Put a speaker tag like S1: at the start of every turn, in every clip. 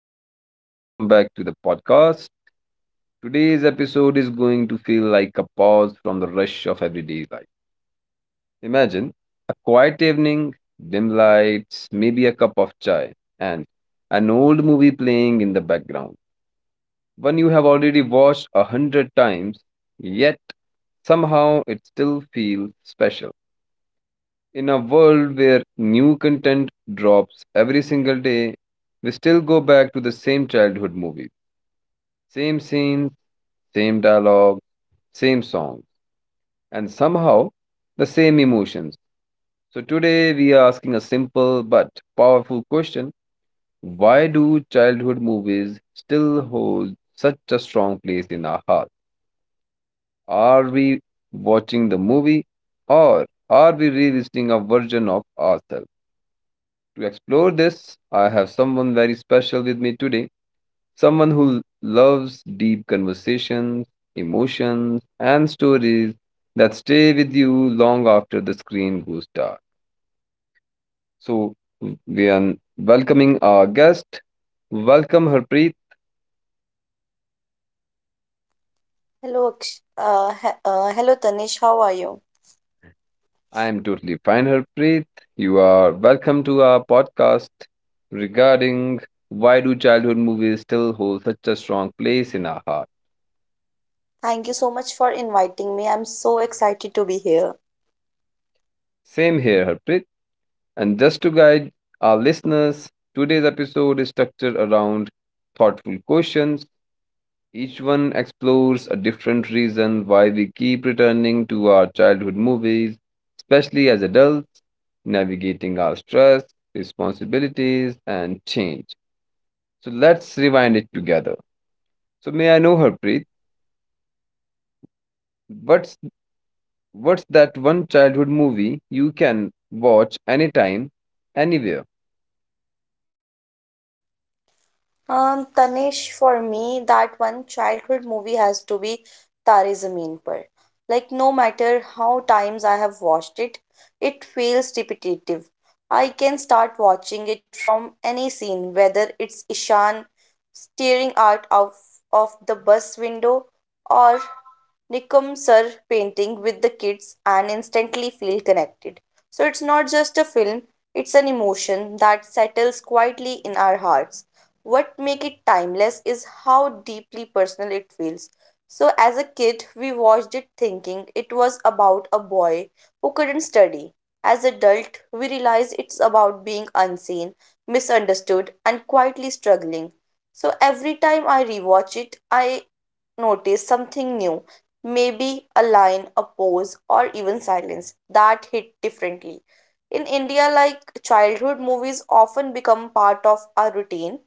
S1: everyone, and welcome back to the podcast. Today's episode is going to feel like a pause from the rush of everyday life. Imagine a quiet evening, dim lights, maybe a cup of chai, and an old movie playing in the background. One you have already watched a hundred times, yet somehow it still feels special. In a world where new content drops every single day, we still go back to the same childhood movie, same scenes, same dialogue, same song, and somehow the same emotions. So today we are asking a simple but powerful question. Why do childhood movies still hold such a strong place in our heart? Are we watching the movie, or are we revisiting a version of ourselves? To explore this, I have someone very special with me today. Someone who loves deep conversations, emotions, and stories that stay with you long after the screen goes dark. So, we are welcoming our guest. Welcome, Harpreet.
S2: Hello, Aksh- he- hello Tanish, how are you?
S1: I am totally fine, Harpreet. You are welcome to our podcast regarding why do childhood movies still hold such a strong place in our heart.
S2: Thank you so much for inviting me. I'm so excited to be here.
S1: Same here, Harpreet. And just to guide our listeners, today's episode is structured around thoughtful questions. Each one explores a different reason why we keep returning to our childhood movies, especially as adults, navigating our stress, responsibilities, and change. So let's rewind it together. So may I know, Harpreet, what's what's that one childhood movie you can watch anytime, anywhere?
S2: Tanish, for me, that one childhood movie has to be Tare Zameen Par. Like, no matter how times I have watched it, it feels repetitive. I can start watching it from any scene, whether it's Ishan staring out of the bus window or Nikum sir painting with the kids and instantly feel connected. So it's not just a film, it's an emotion that settles quietly in our hearts. What make it timeless is how deeply personal it feels. So as a kid, we watched it thinking it was about a boy who couldn't study. As adult, we realize it's about being unseen, misunderstood, and quietly struggling. So every time I rewatch it, I notice something new, maybe a line, a pose, or even silence that hit differently. In India, like childhood movies often become part of our routine.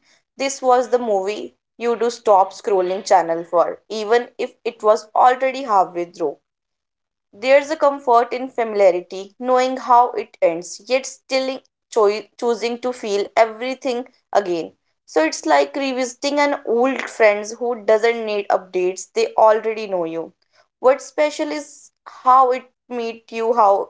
S2: This was the movie you do stop scrolling channel for, even if it was already halfway through. There's a comfort in familiarity, knowing how it ends, yet still choosing to feel everything again. So it's like revisiting an old friends who doesn't need updates, they already know you. What's special is how it meet you, how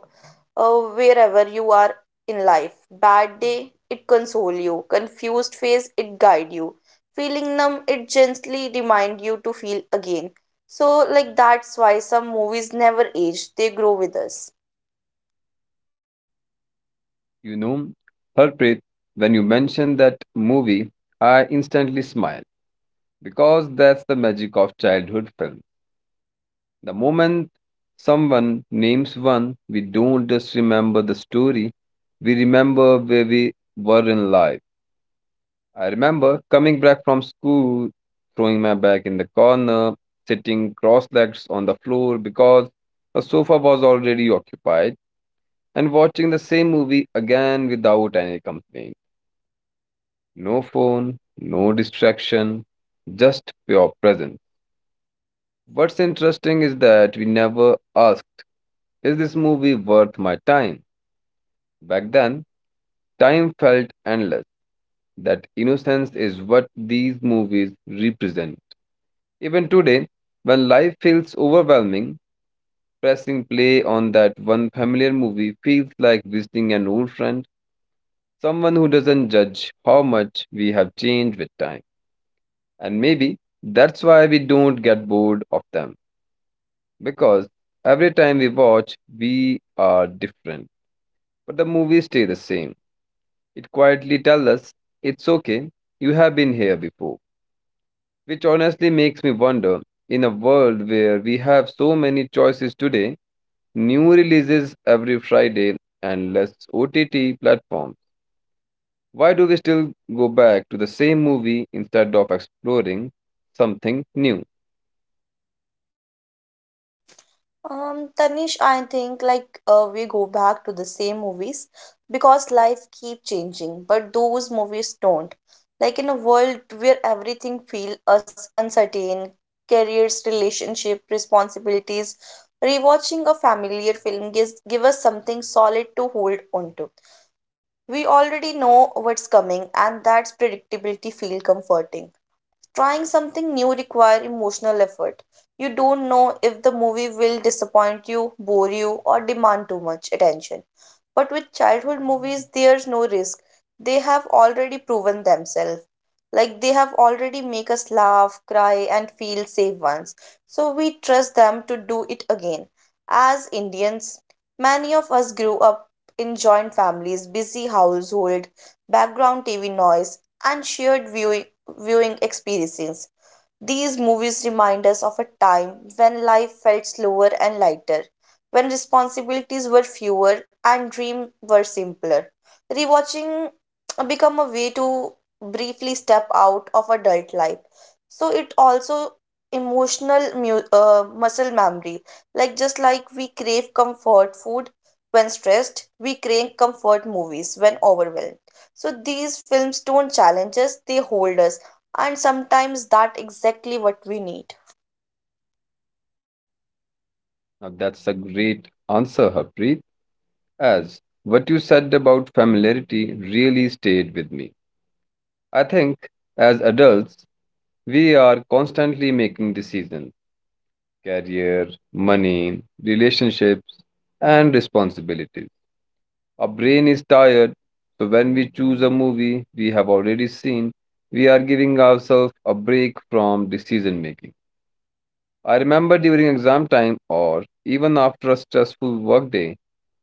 S2: wherever you are in life. Bad day, it console you. Confused face, it guide you. Feeling numb, it gently remind you to feel again. So, like, that's why some movies never age, they grow with us.
S1: You know, Harpreet, when you mentioned that movie, I instantly smiled because that's the magic of childhood film. The moment someone names one, we don't just remember the story, we remember where we were in life. I remember coming back from school, throwing my bag in the corner, sitting cross legged on the floor because the sofa was already occupied, and watching the same movie again without any company. No phone, no distraction, just pure presence. What's interesting is that we never asked, is this movie worth my time? Back then, time felt endless. That innocence is what these movies represent. Even today, when life feels overwhelming, pressing play on that one familiar movie feels like visiting an old friend, someone who doesn't judge how much we have changed with time. And maybe that's why we don't get bored of them. Because every time we watch, we are different. But the movies stay the same. It quietly tells us, it's okay, you have been here before. Which honestly makes me wonder, in a world where we have so many choices today, new releases every Friday, and less OTT platforms, why do we still go back to the same movie instead of exploring something new?
S2: Tanish, I think, like, we go back to the same movies because life keep changing, but those movies don't. Like, in a world where everything feels us uncertain, careers, relationship, responsibilities, rewatching a familiar film gives give us something solid to hold on to. We already know what's coming, and that's predictability feel comforting. Trying something new requires emotional effort. You don't know if the movie will disappoint you, bore you, or demand too much attention. But with childhood movies, there's no risk. They have already proven themselves. Like they have already make us laugh, cry, and feel safe once. So we trust them to do it again. As Indians, many of us grew up in joint families, busy household, background TV noise, and shared viewing experiences. These movies remind us of a time when life felt slower and lighter, when responsibilities were fewer and dreams were simpler. Rewatching become a way to briefly step out of adult life. So it also emotional muscle memory. Like just like we crave comfort food when stressed, we crave comfort movies when overwhelmed. So these films don't challenge us, they hold us, and sometimes that exactly what we need.
S1: Now, that's a great answer, Harpreet. As what you said about familiarity really stayed with me. I think as adults, we are constantly making decisions, career, money, relationships, and responsibilities. Our brain is tired, so when we choose a movie we have already seen, we are giving ourselves a break from decision making. I remember during exam time or even after a stressful workday.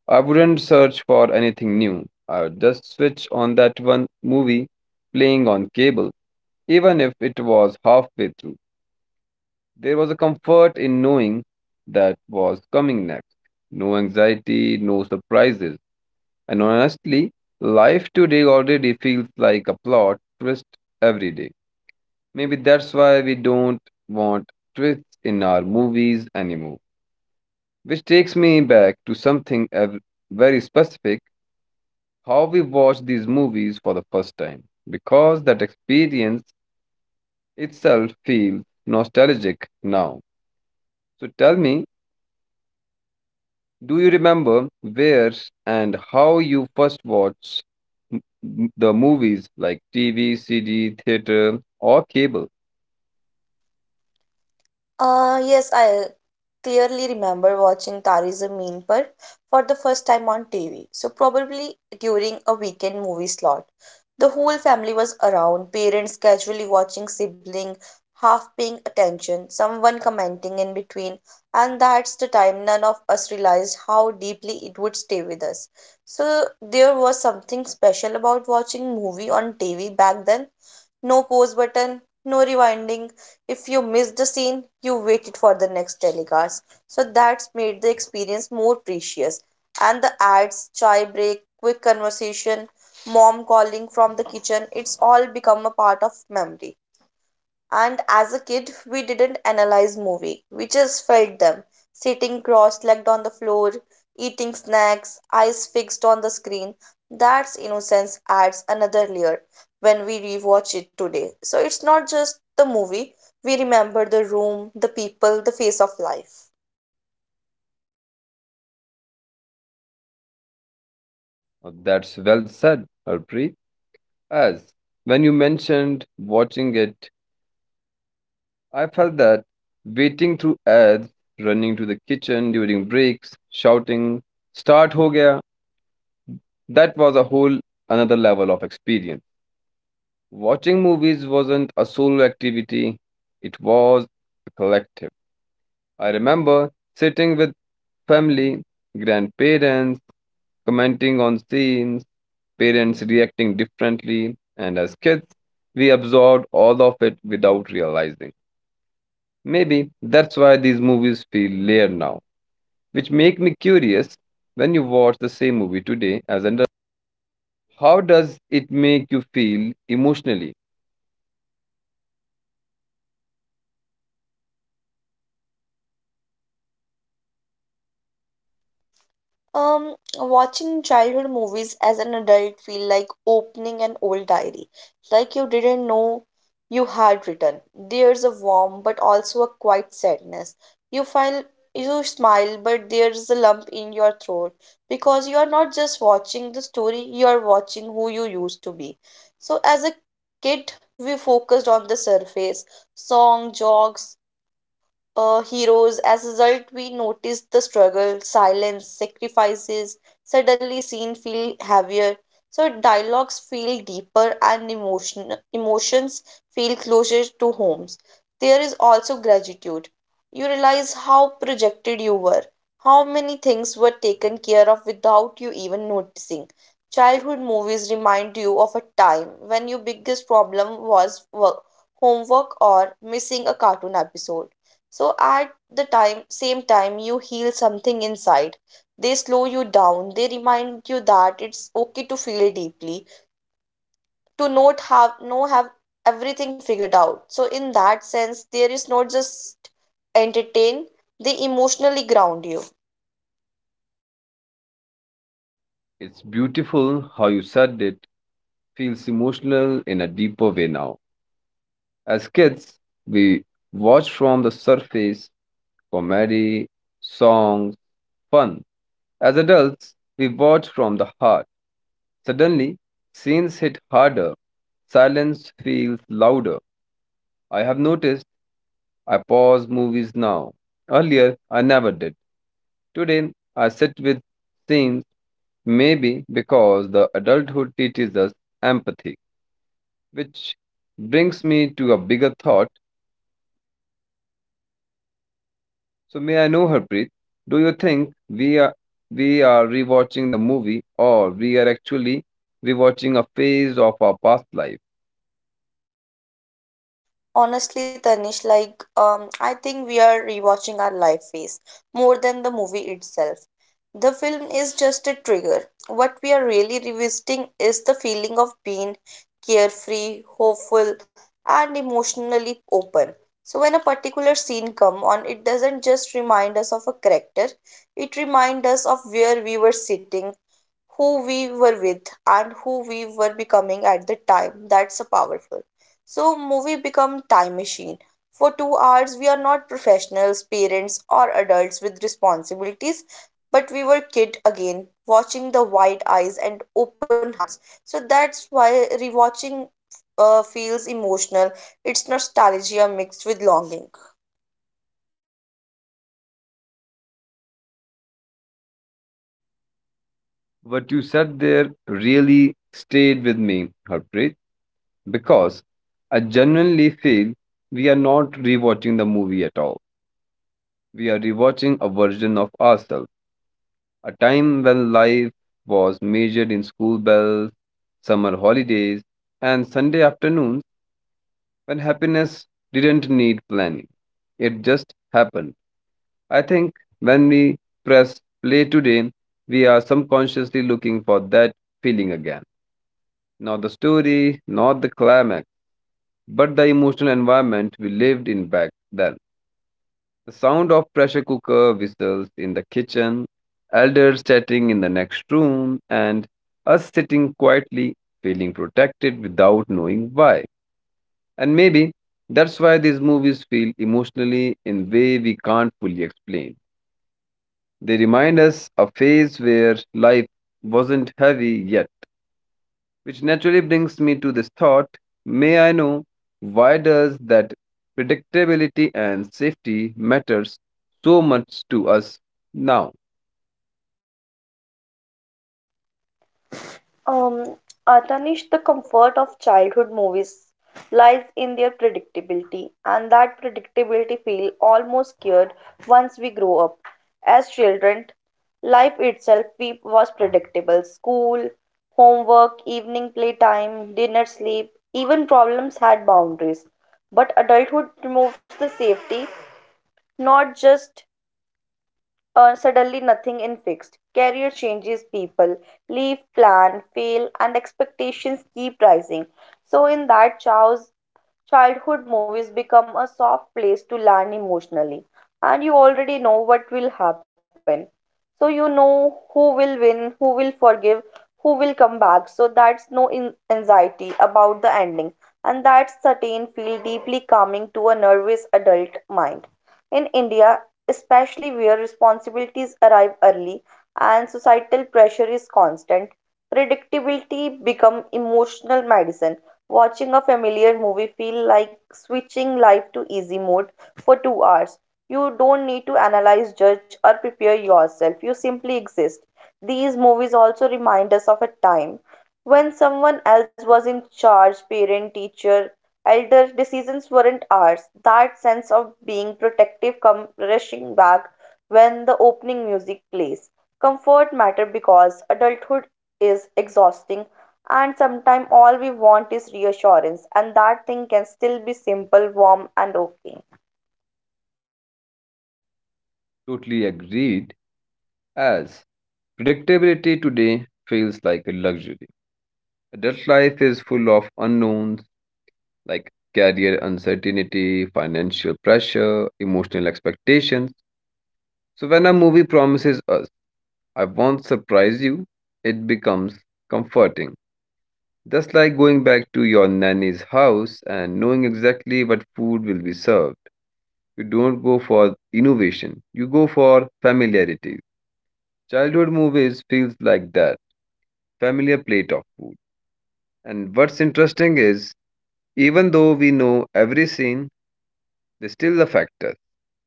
S1: I wouldn't search for anything new. I would just switch on that one movie playing on cable, even if it was halfway through. There was a comfort in knowing that was coming next. No anxiety, no surprises. And honestly, life today already feels like a plot twist every day. Maybe that's why we don't want twists in our movies anymore. Which takes me back to something very specific, how we watch these movies for the first time, because that experience itself feels nostalgic now. So tell me, do you remember where and how you first watched the movies, like TV, CD, theater, or cable?
S2: Yes, I clearly remember watching Tari Zameen Par for the first time on TV. So probably during a weekend movie slot. The whole family was around, parents casually watching sibling, half paying attention, someone commenting in between, and that's the time none of us realized how deeply it would stay with us. So there was something special about watching movie on TV back then. No pause button, no rewinding. If you missed a scene, you waited for the next telecast, so that's made the experience more precious. And the ads, chai break, quick conversation, mom calling from the kitchen, it's all become a part of memory. And as a kid, we didn't analyze movie. We just felt them, sitting cross-legged on the floor, eating snacks, eyes fixed on the screen. That's innocence adds another layer when we rewatch it today. So it's not just the movie, we remember the room, the people, the face of life.
S1: That's well said, Harpreet. As when you mentioned watching it, I felt that waiting through ads, running to the kitchen during breaks, shouting, Start ho gaya. That was a whole another level of experience. Watching movies wasn't a solo activity, it was a collective. I remember sitting with family, grandparents, commenting on scenes, parents reacting differently, and as kids, we absorbed all of it without realizing. Maybe that's why these movies feel layered now, which make me curious, when you watch the same movie today as an adult. How does it make you feel emotionally?
S2: Watching childhood movies as an adult feel like opening an old diary, like you didn't know you had written. There's a warm but also a quiet sadness. You feel you smile, but there's a lump in your throat because you are not just watching the story, you are watching who you used to be. So as a kid, we focused on the surface, song, jogs, heroes. As a result, we notice the struggle, silence, sacrifices. Suddenly, scene feel heavier. So dialogues feel deeper and emotions feel closer to homes. There is also gratitude. You realize how projected you were, how many things were taken care of without you even noticing. Childhood movies remind you of a time when your biggest problem was work, homework, or missing a cartoon episode. So at the time same time, you heal something inside. They slow you down, they remind you that it's okay to feel deeply, to not have no have everything figured out. So in that sense, there is not just entertain, they emotionally ground you.
S1: It's beautiful how you said it. Feels emotional in a deeper way now. As kids, we watch from the surface, comedy, songs, fun. As adults, we watch from the heart. Suddenly, scenes hit harder. Silence feels louder. I have noticed I pause movies now. Earlier, I never did. Today, I sit with scenes, maybe because the adulthood teaches us empathy. Which brings me to a bigger thought. So may I know, Harpreet, do you think we are rewatching the movie or we are actually rewatching a phase of our past life?
S2: Honestly, Tanish, like I think we are rewatching our life phase more than the movie itself. The film is just a trigger. What we are really revisiting is the feeling of being carefree, hopeful, and emotionally open. So when a particular scene come on, it doesn't just remind us of a character; it reminds us of where we were sitting, who we were with, and who we were becoming at the time. That's a powerful. So movie become time machine. For 2 hours, we are not professionals, parents, or adults with responsibilities, but we were kid again, watching the wide eyes and open hearts. So that's why rewatching feels emotional. It's nostalgia mixed with longing.
S1: What you said there really stayed with me, Harpreet, because I genuinely feel we are not rewatching the movie at all. We are rewatching a version of ourselves, a time when life was measured in school bells, summer holidays, and Sunday afternoons, when happiness didn't need planning. It just happened. I think when we press play today, we are subconsciously looking for that feeling again. Not the story, not the climax, but the emotional environment we lived in back then. The sound of pressure cooker whistles in the kitchen, elders chatting in the next room, and us sitting quietly, feeling protected without knowing why. And maybe that's why these movies feel emotionally in way we can't fully explain. They remind us a phase where life wasn't heavy yet, which naturally brings me to this thought, may I know why does that predictability and safety matters so much to us now?
S2: Um, Atanish, the comfort of childhood movies lies in their predictability, and that predictability feel almost cured once we grow up. As children, life itself was predictable. School, homework, evening playtime, dinner sleep, even problems had boundaries. But adulthood removes the safety, not just suddenly nothing in fixed. Career changes people, leave, plan, fail, and expectations keep rising. So, in that chaos, childhood movies become a soft place to land emotionally, and you already know what will happen. So you know who will win, who will forgive, who will come back. So that's no anxiety about the ending, and that certain feel deeply calming to a nervous adult mind. In India, especially where responsibilities arrive early and societal pressure is constant, predictability become emotional medicine. Watching a familiar movie feel like switching life to easy mode for 2 hours. You don't need to analyze, judge, or prepare yourself. You simply exist. These movies also remind us of a time when someone else was in charge, parent, teacher, elder, decisions weren't ours. That sense of being protective come rushing back when the opening music plays. Comfort matter because adulthood is exhausting, and sometimes all we want is reassurance and that thing can still be simple, warm, and okay.
S1: Totally agreed, as predictability today feels like a luxury. Adult life is full of unknowns, like career uncertainty, financial pressure, emotional expectations. So when a movie promises us, I won't surprise you, it becomes comforting. Just like going back to your nanny's house and knowing exactly what food will be served. You don't go for innovation, you go for familiarity. Childhood movies feels like that, familiar plate of food. And what's interesting is, even though we know every scene, they still affect us,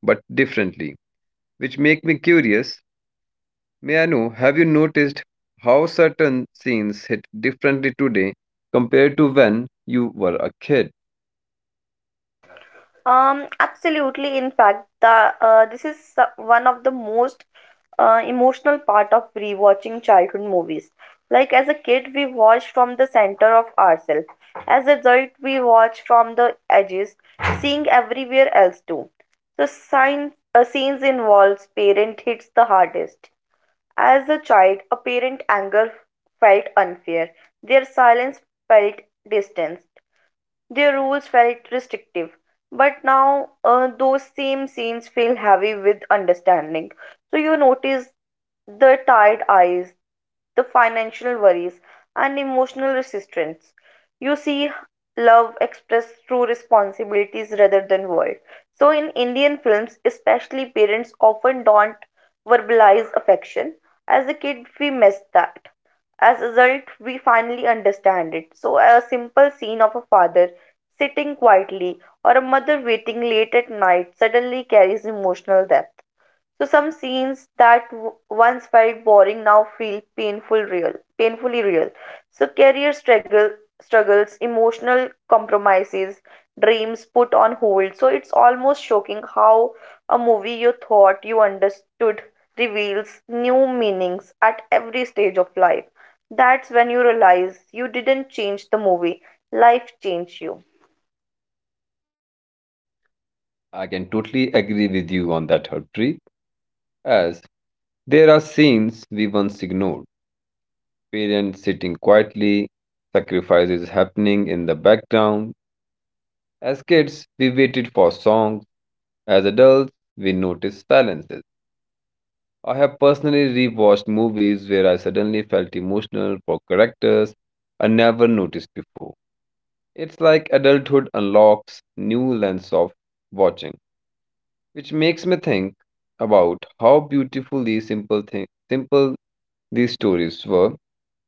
S1: but differently. Which make me curious. May I know, have you noticed how certain scenes hit differently today compared to when you were a kid?
S2: Absolutely, in fact, the this is one of the most emotional part of rewatching childhood movies. Like as a kid, we watch from the center of ourselves. As adult, we watch from the edges, seeing everywhere else too. The scenes involves parent hits the hardest. As a child, a parent's anger felt unfair. Their silence felt distance. Their rules felt restrictive, but now those same scenes feel heavy with understanding. So you notice the tired eyes, the financial worries, and emotional resistance. You see love expressed through responsibilities rather than words. So, in Indian films, especially, parents often don't verbalize affection. As a kid, we miss that. As a result, we finally understand it. So, a simple scene of a father sitting quietly, or a mother waiting late at night suddenly carries emotional depth. So some scenes that once felt boring now feel painfully real. So career struggles, emotional compromises, dreams put on hold. So it's almost shocking how a movie you thought you understood reveals new meanings at every stage of life. That's when you realize you didn't change the movie, life changed you.
S1: I can totally agree with you on that, Harpreet, as there are scenes we once ignored. Parents sitting quietly, sacrifices happening in the background. As kids, we waited for songs. As adults, we noticed silences. I have personally rewatched movies where I suddenly felt emotional for characters I never noticed before. It's like adulthood unlocks new lens of watching, which makes me think about how beautiful these simple these stories were.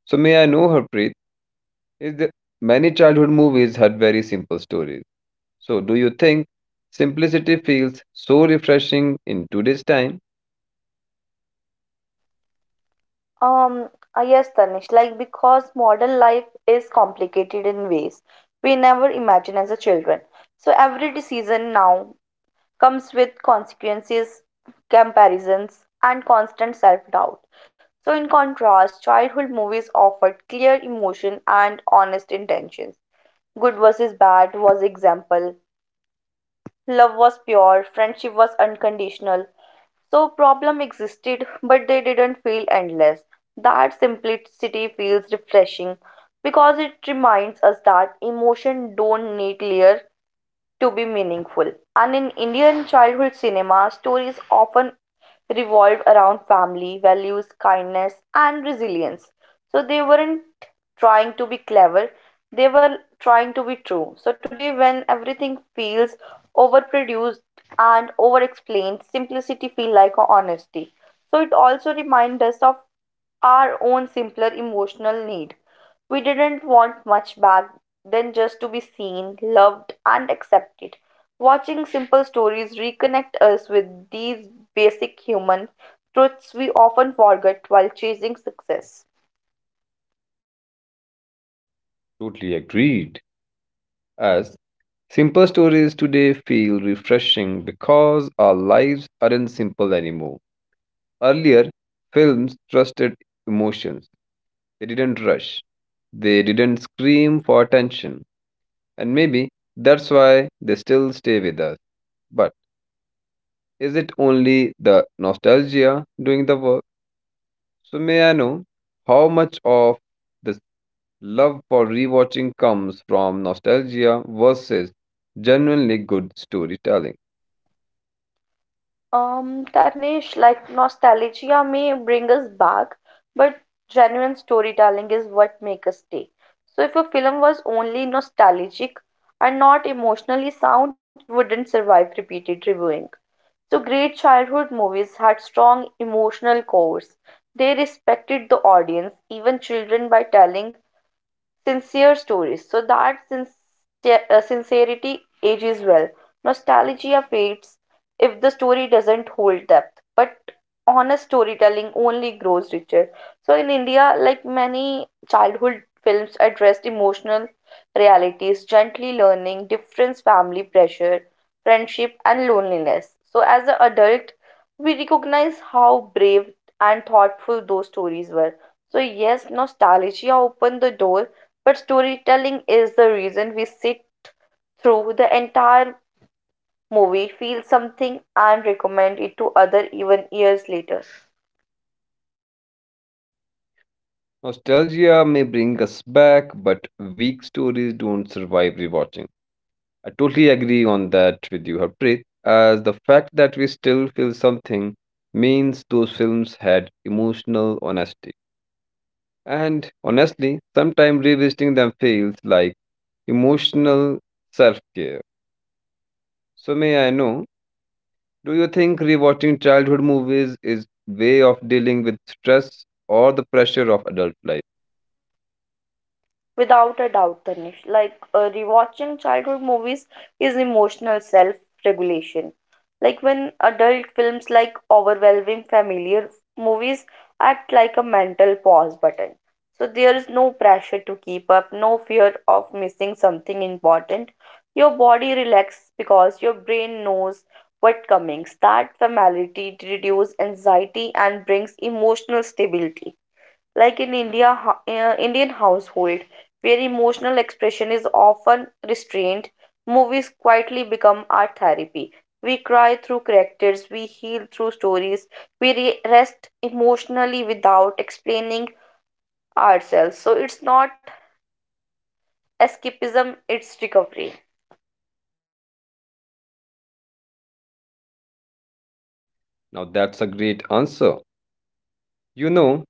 S1: So may I know, Harpreet, is that many childhood movies had very simple stories. So do you think simplicity feels so refreshing in today's time?
S2: Um, yes, Tanish, like because modern life is complicated in ways we never imagined as a children. So every decision now comes with consequences, comparisons, and constant self-doubt. So in contrast, childhood movies offered clear emotion and honest intentions. Good versus bad was example. Love was pure, friendship was unconditional, so problem existed, but they didn't feel endless. That simplicity feels refreshing because it reminds us that emotion don't need layer to be meaningful. And in Indian childhood cinema, stories often revolved around family, values, kindness, and resilience. So they weren't trying to be clever, they were trying to be true. So today, when everything feels overproduced and overexplained, simplicity feels like honesty. So it also reminds us of our own simpler emotional need. We didn't want much back than just to be seen, loved, and accepted. Watching simple stories reconnect us with these basic human truths we often forget while chasing success.
S1: Totally agreed. As simple stories today feel refreshing because our lives aren't simple anymore. Earlier, films trusted emotions. They didn't rush. They didn't scream for attention. And maybe that's why they still stay with us. But is it only the nostalgia doing the work? So may I know how much of this love for rewatching comes from nostalgia versus genuinely good storytelling?
S2: Tarnish, like nostalgia may bring us back, but genuine storytelling is what makes us stay. So, if a film was only nostalgic and not emotionally sound, it wouldn't survive repeated reviewing. So, great childhood movies had strong emotional cores. They respected the audience, even children, by telling sincere stories. So that sincerity ages well. Nostalgia fades if the story doesn't hold depth, but honest storytelling only grows richer. So in India, like many childhood films addressed emotional realities, gently learning, difference, family pressure, friendship, and loneliness. So as an adult, we recognize how brave and thoughtful those stories were. So yes, nostalgia opened the door but storytelling is the reason we sit through the entire movie, feel something, and recommend it to other even years later.
S1: Nostalgia may bring us back, but weak stories don't survive rewatching. I totally agree on that with you, Harpreet, as the fact that we still feel something means those films had emotional honesty. And honestly, sometimes revisiting them feels like emotional self care. So, may I know, do you think rewatching childhood movies is way of dealing with stress or the pressure of adult life?
S2: Without a doubt, Tanish. Like rewatching childhood movies is emotional self regulation. Like when adult films like overwhelming, familiar movies act like a mental pause button. So there is no pressure to keep up, no fear of missing something important. Your body relaxes because your brain knows what coming. That familiarity reduces anxiety and brings emotional stability. Like in India, Indian household, where emotional expression is often restrained, movies quietly become art therapy. We cry through characters, we heal through stories, we rest emotionally without explaining ourselves. So it's not escapism, it's recovery.
S1: Now, that's a great answer. You know,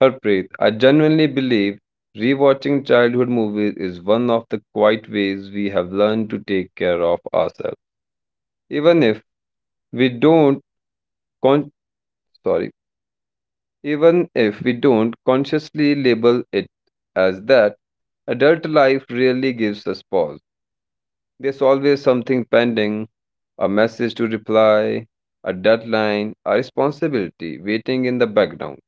S1: Harpreet, I genuinely believe rewatching childhood movies is one of the quiet ways we have learned to take care of ourselves. Even if we don't con- sorry, even if we don't consciously label it as that, adult life really gives us pause. There's always something pending, a message to reply, a deadline, a responsibility waiting in the background.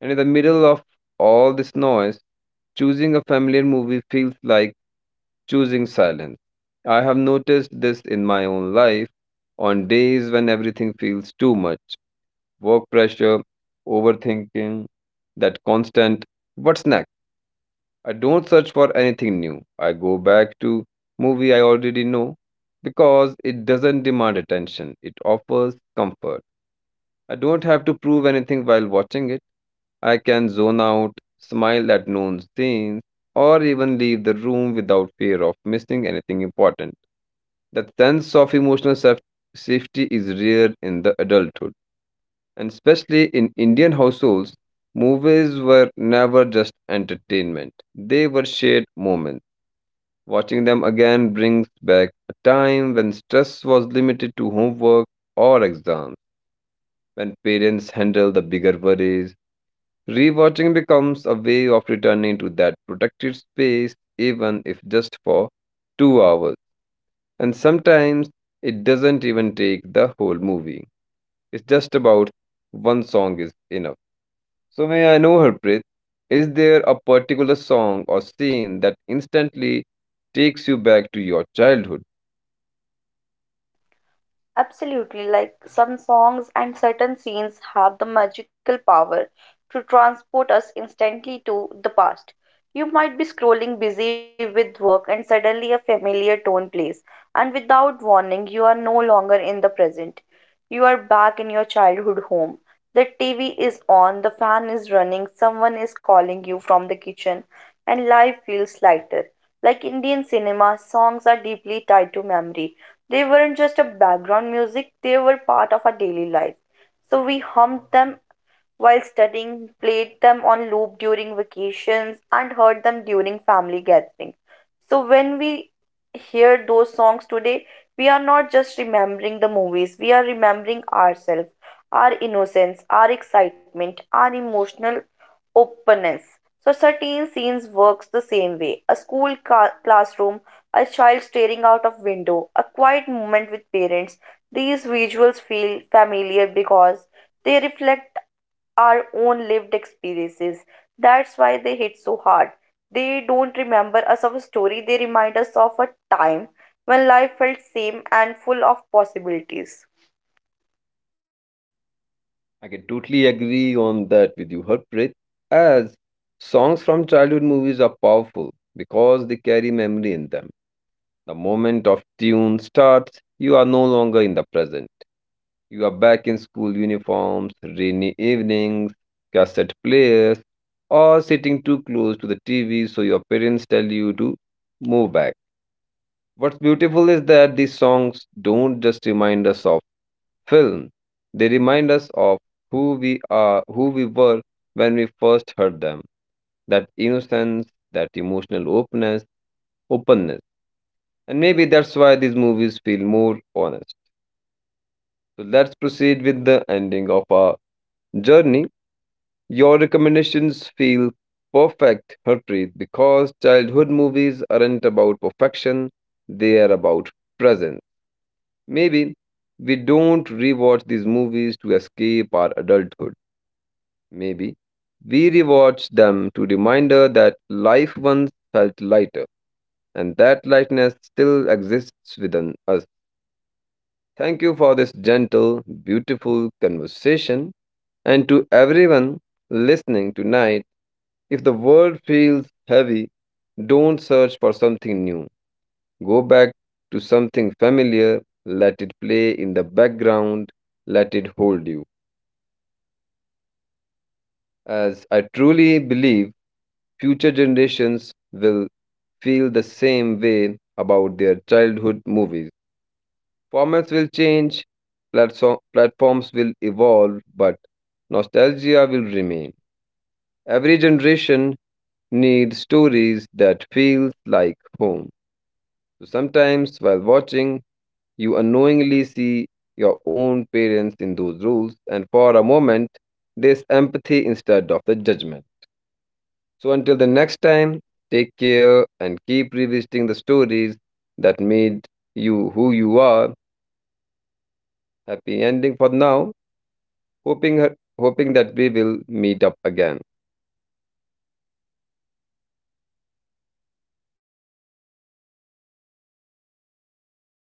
S1: And in the middle of all this noise, choosing a familiar movie feels like choosing silence. I have noticed this in my own life, on days when everything feels too much, work pressure, overthinking, that constant what's next. I don't search for anything new. I go back to movie I already know because it doesn't demand attention. It offers comfort. I don't have to prove anything while watching it. I can zone out, smile at known scenes, or even leave the room without fear of missing anything important. That sense of emotional safety is rare in the adulthood, and especially in Indian households, movies were never just entertainment. They were shared moments. Watching them again brings back a time when stress was limited to homework or exams, when parents handled the bigger worries. Rewatching becomes a way of returning to that protected space, even if just for 2 hours. And sometimes it doesn't even take the whole movie, it's just about one song is enough. So, may I know, Harpreet, is there a particular song or scene that instantly takes you back to your childhood?
S2: Absolutely, like some songs and certain scenes have the magical power to transport us instantly to the past. You might be scrolling busy with work and suddenly a familiar tone plays, and without warning, you are no longer in the present. You are back in your childhood home. The TV is on, the fan is running, someone is calling you from the kitchen, and life feels lighter. Like Indian cinema, songs are deeply tied to memory. They weren't just a background music, they were part of our daily life. So we hummed them while studying, played them on loop during vacations, and heard them during family gatherings. So, when we hear those songs today, we are not just remembering the movies, we are remembering ourselves, our innocence, our excitement, our emotional openness. So, certain scenes works the same way. A school classroom, a child staring out of window, a quiet moment with parents. These visuals feel familiar because they reflect our own lived experiences. That's why they hit so hard. They don't remember us of a story, they remind us of a time when life felt same and full of possibilities.
S1: I can totally agree on that with you, Harpreet, as songs from childhood movies are powerful because they carry memory in them. The moment of tune starts, you are no longer in the present. You are back in school uniforms, rainy evenings, cassette players, or sitting too close to the TV so your parents tell you to move back. What's beautiful is that these songs don't just remind us of film, they remind us of who we are, who we were when we first heard them. That innocence, that emotional openness. And maybe that's why these movies feel more honest. So let's proceed with the ending of our journey. Your recommendations feel perfect, Harpreet, because childhood movies aren't about perfection, they are about presence. Maybe we don't rewatch these movies to escape our adulthood. Maybe we rewatch them to reminder that life once felt lighter and that lightness still exists within us. Thank you for this gentle, beautiful conversation. And to everyone listening tonight, if the world feels heavy, don't search for something new. Go back to something familiar, let it play in the background, let it hold you. As I truly believe, future generations will feel the same way about their childhood movies. Formats will change, platforms will evolve, but nostalgia will remain. Every generation need stories that feels like home. So sometimes while watching, you unknowingly see your own parents in those roles, and for a moment, there's empathy instead of the judgment. So until the next time, take care and keep revisiting the stories that made you who you are. Happy ending for now. Hoping hoping that we will meet up again.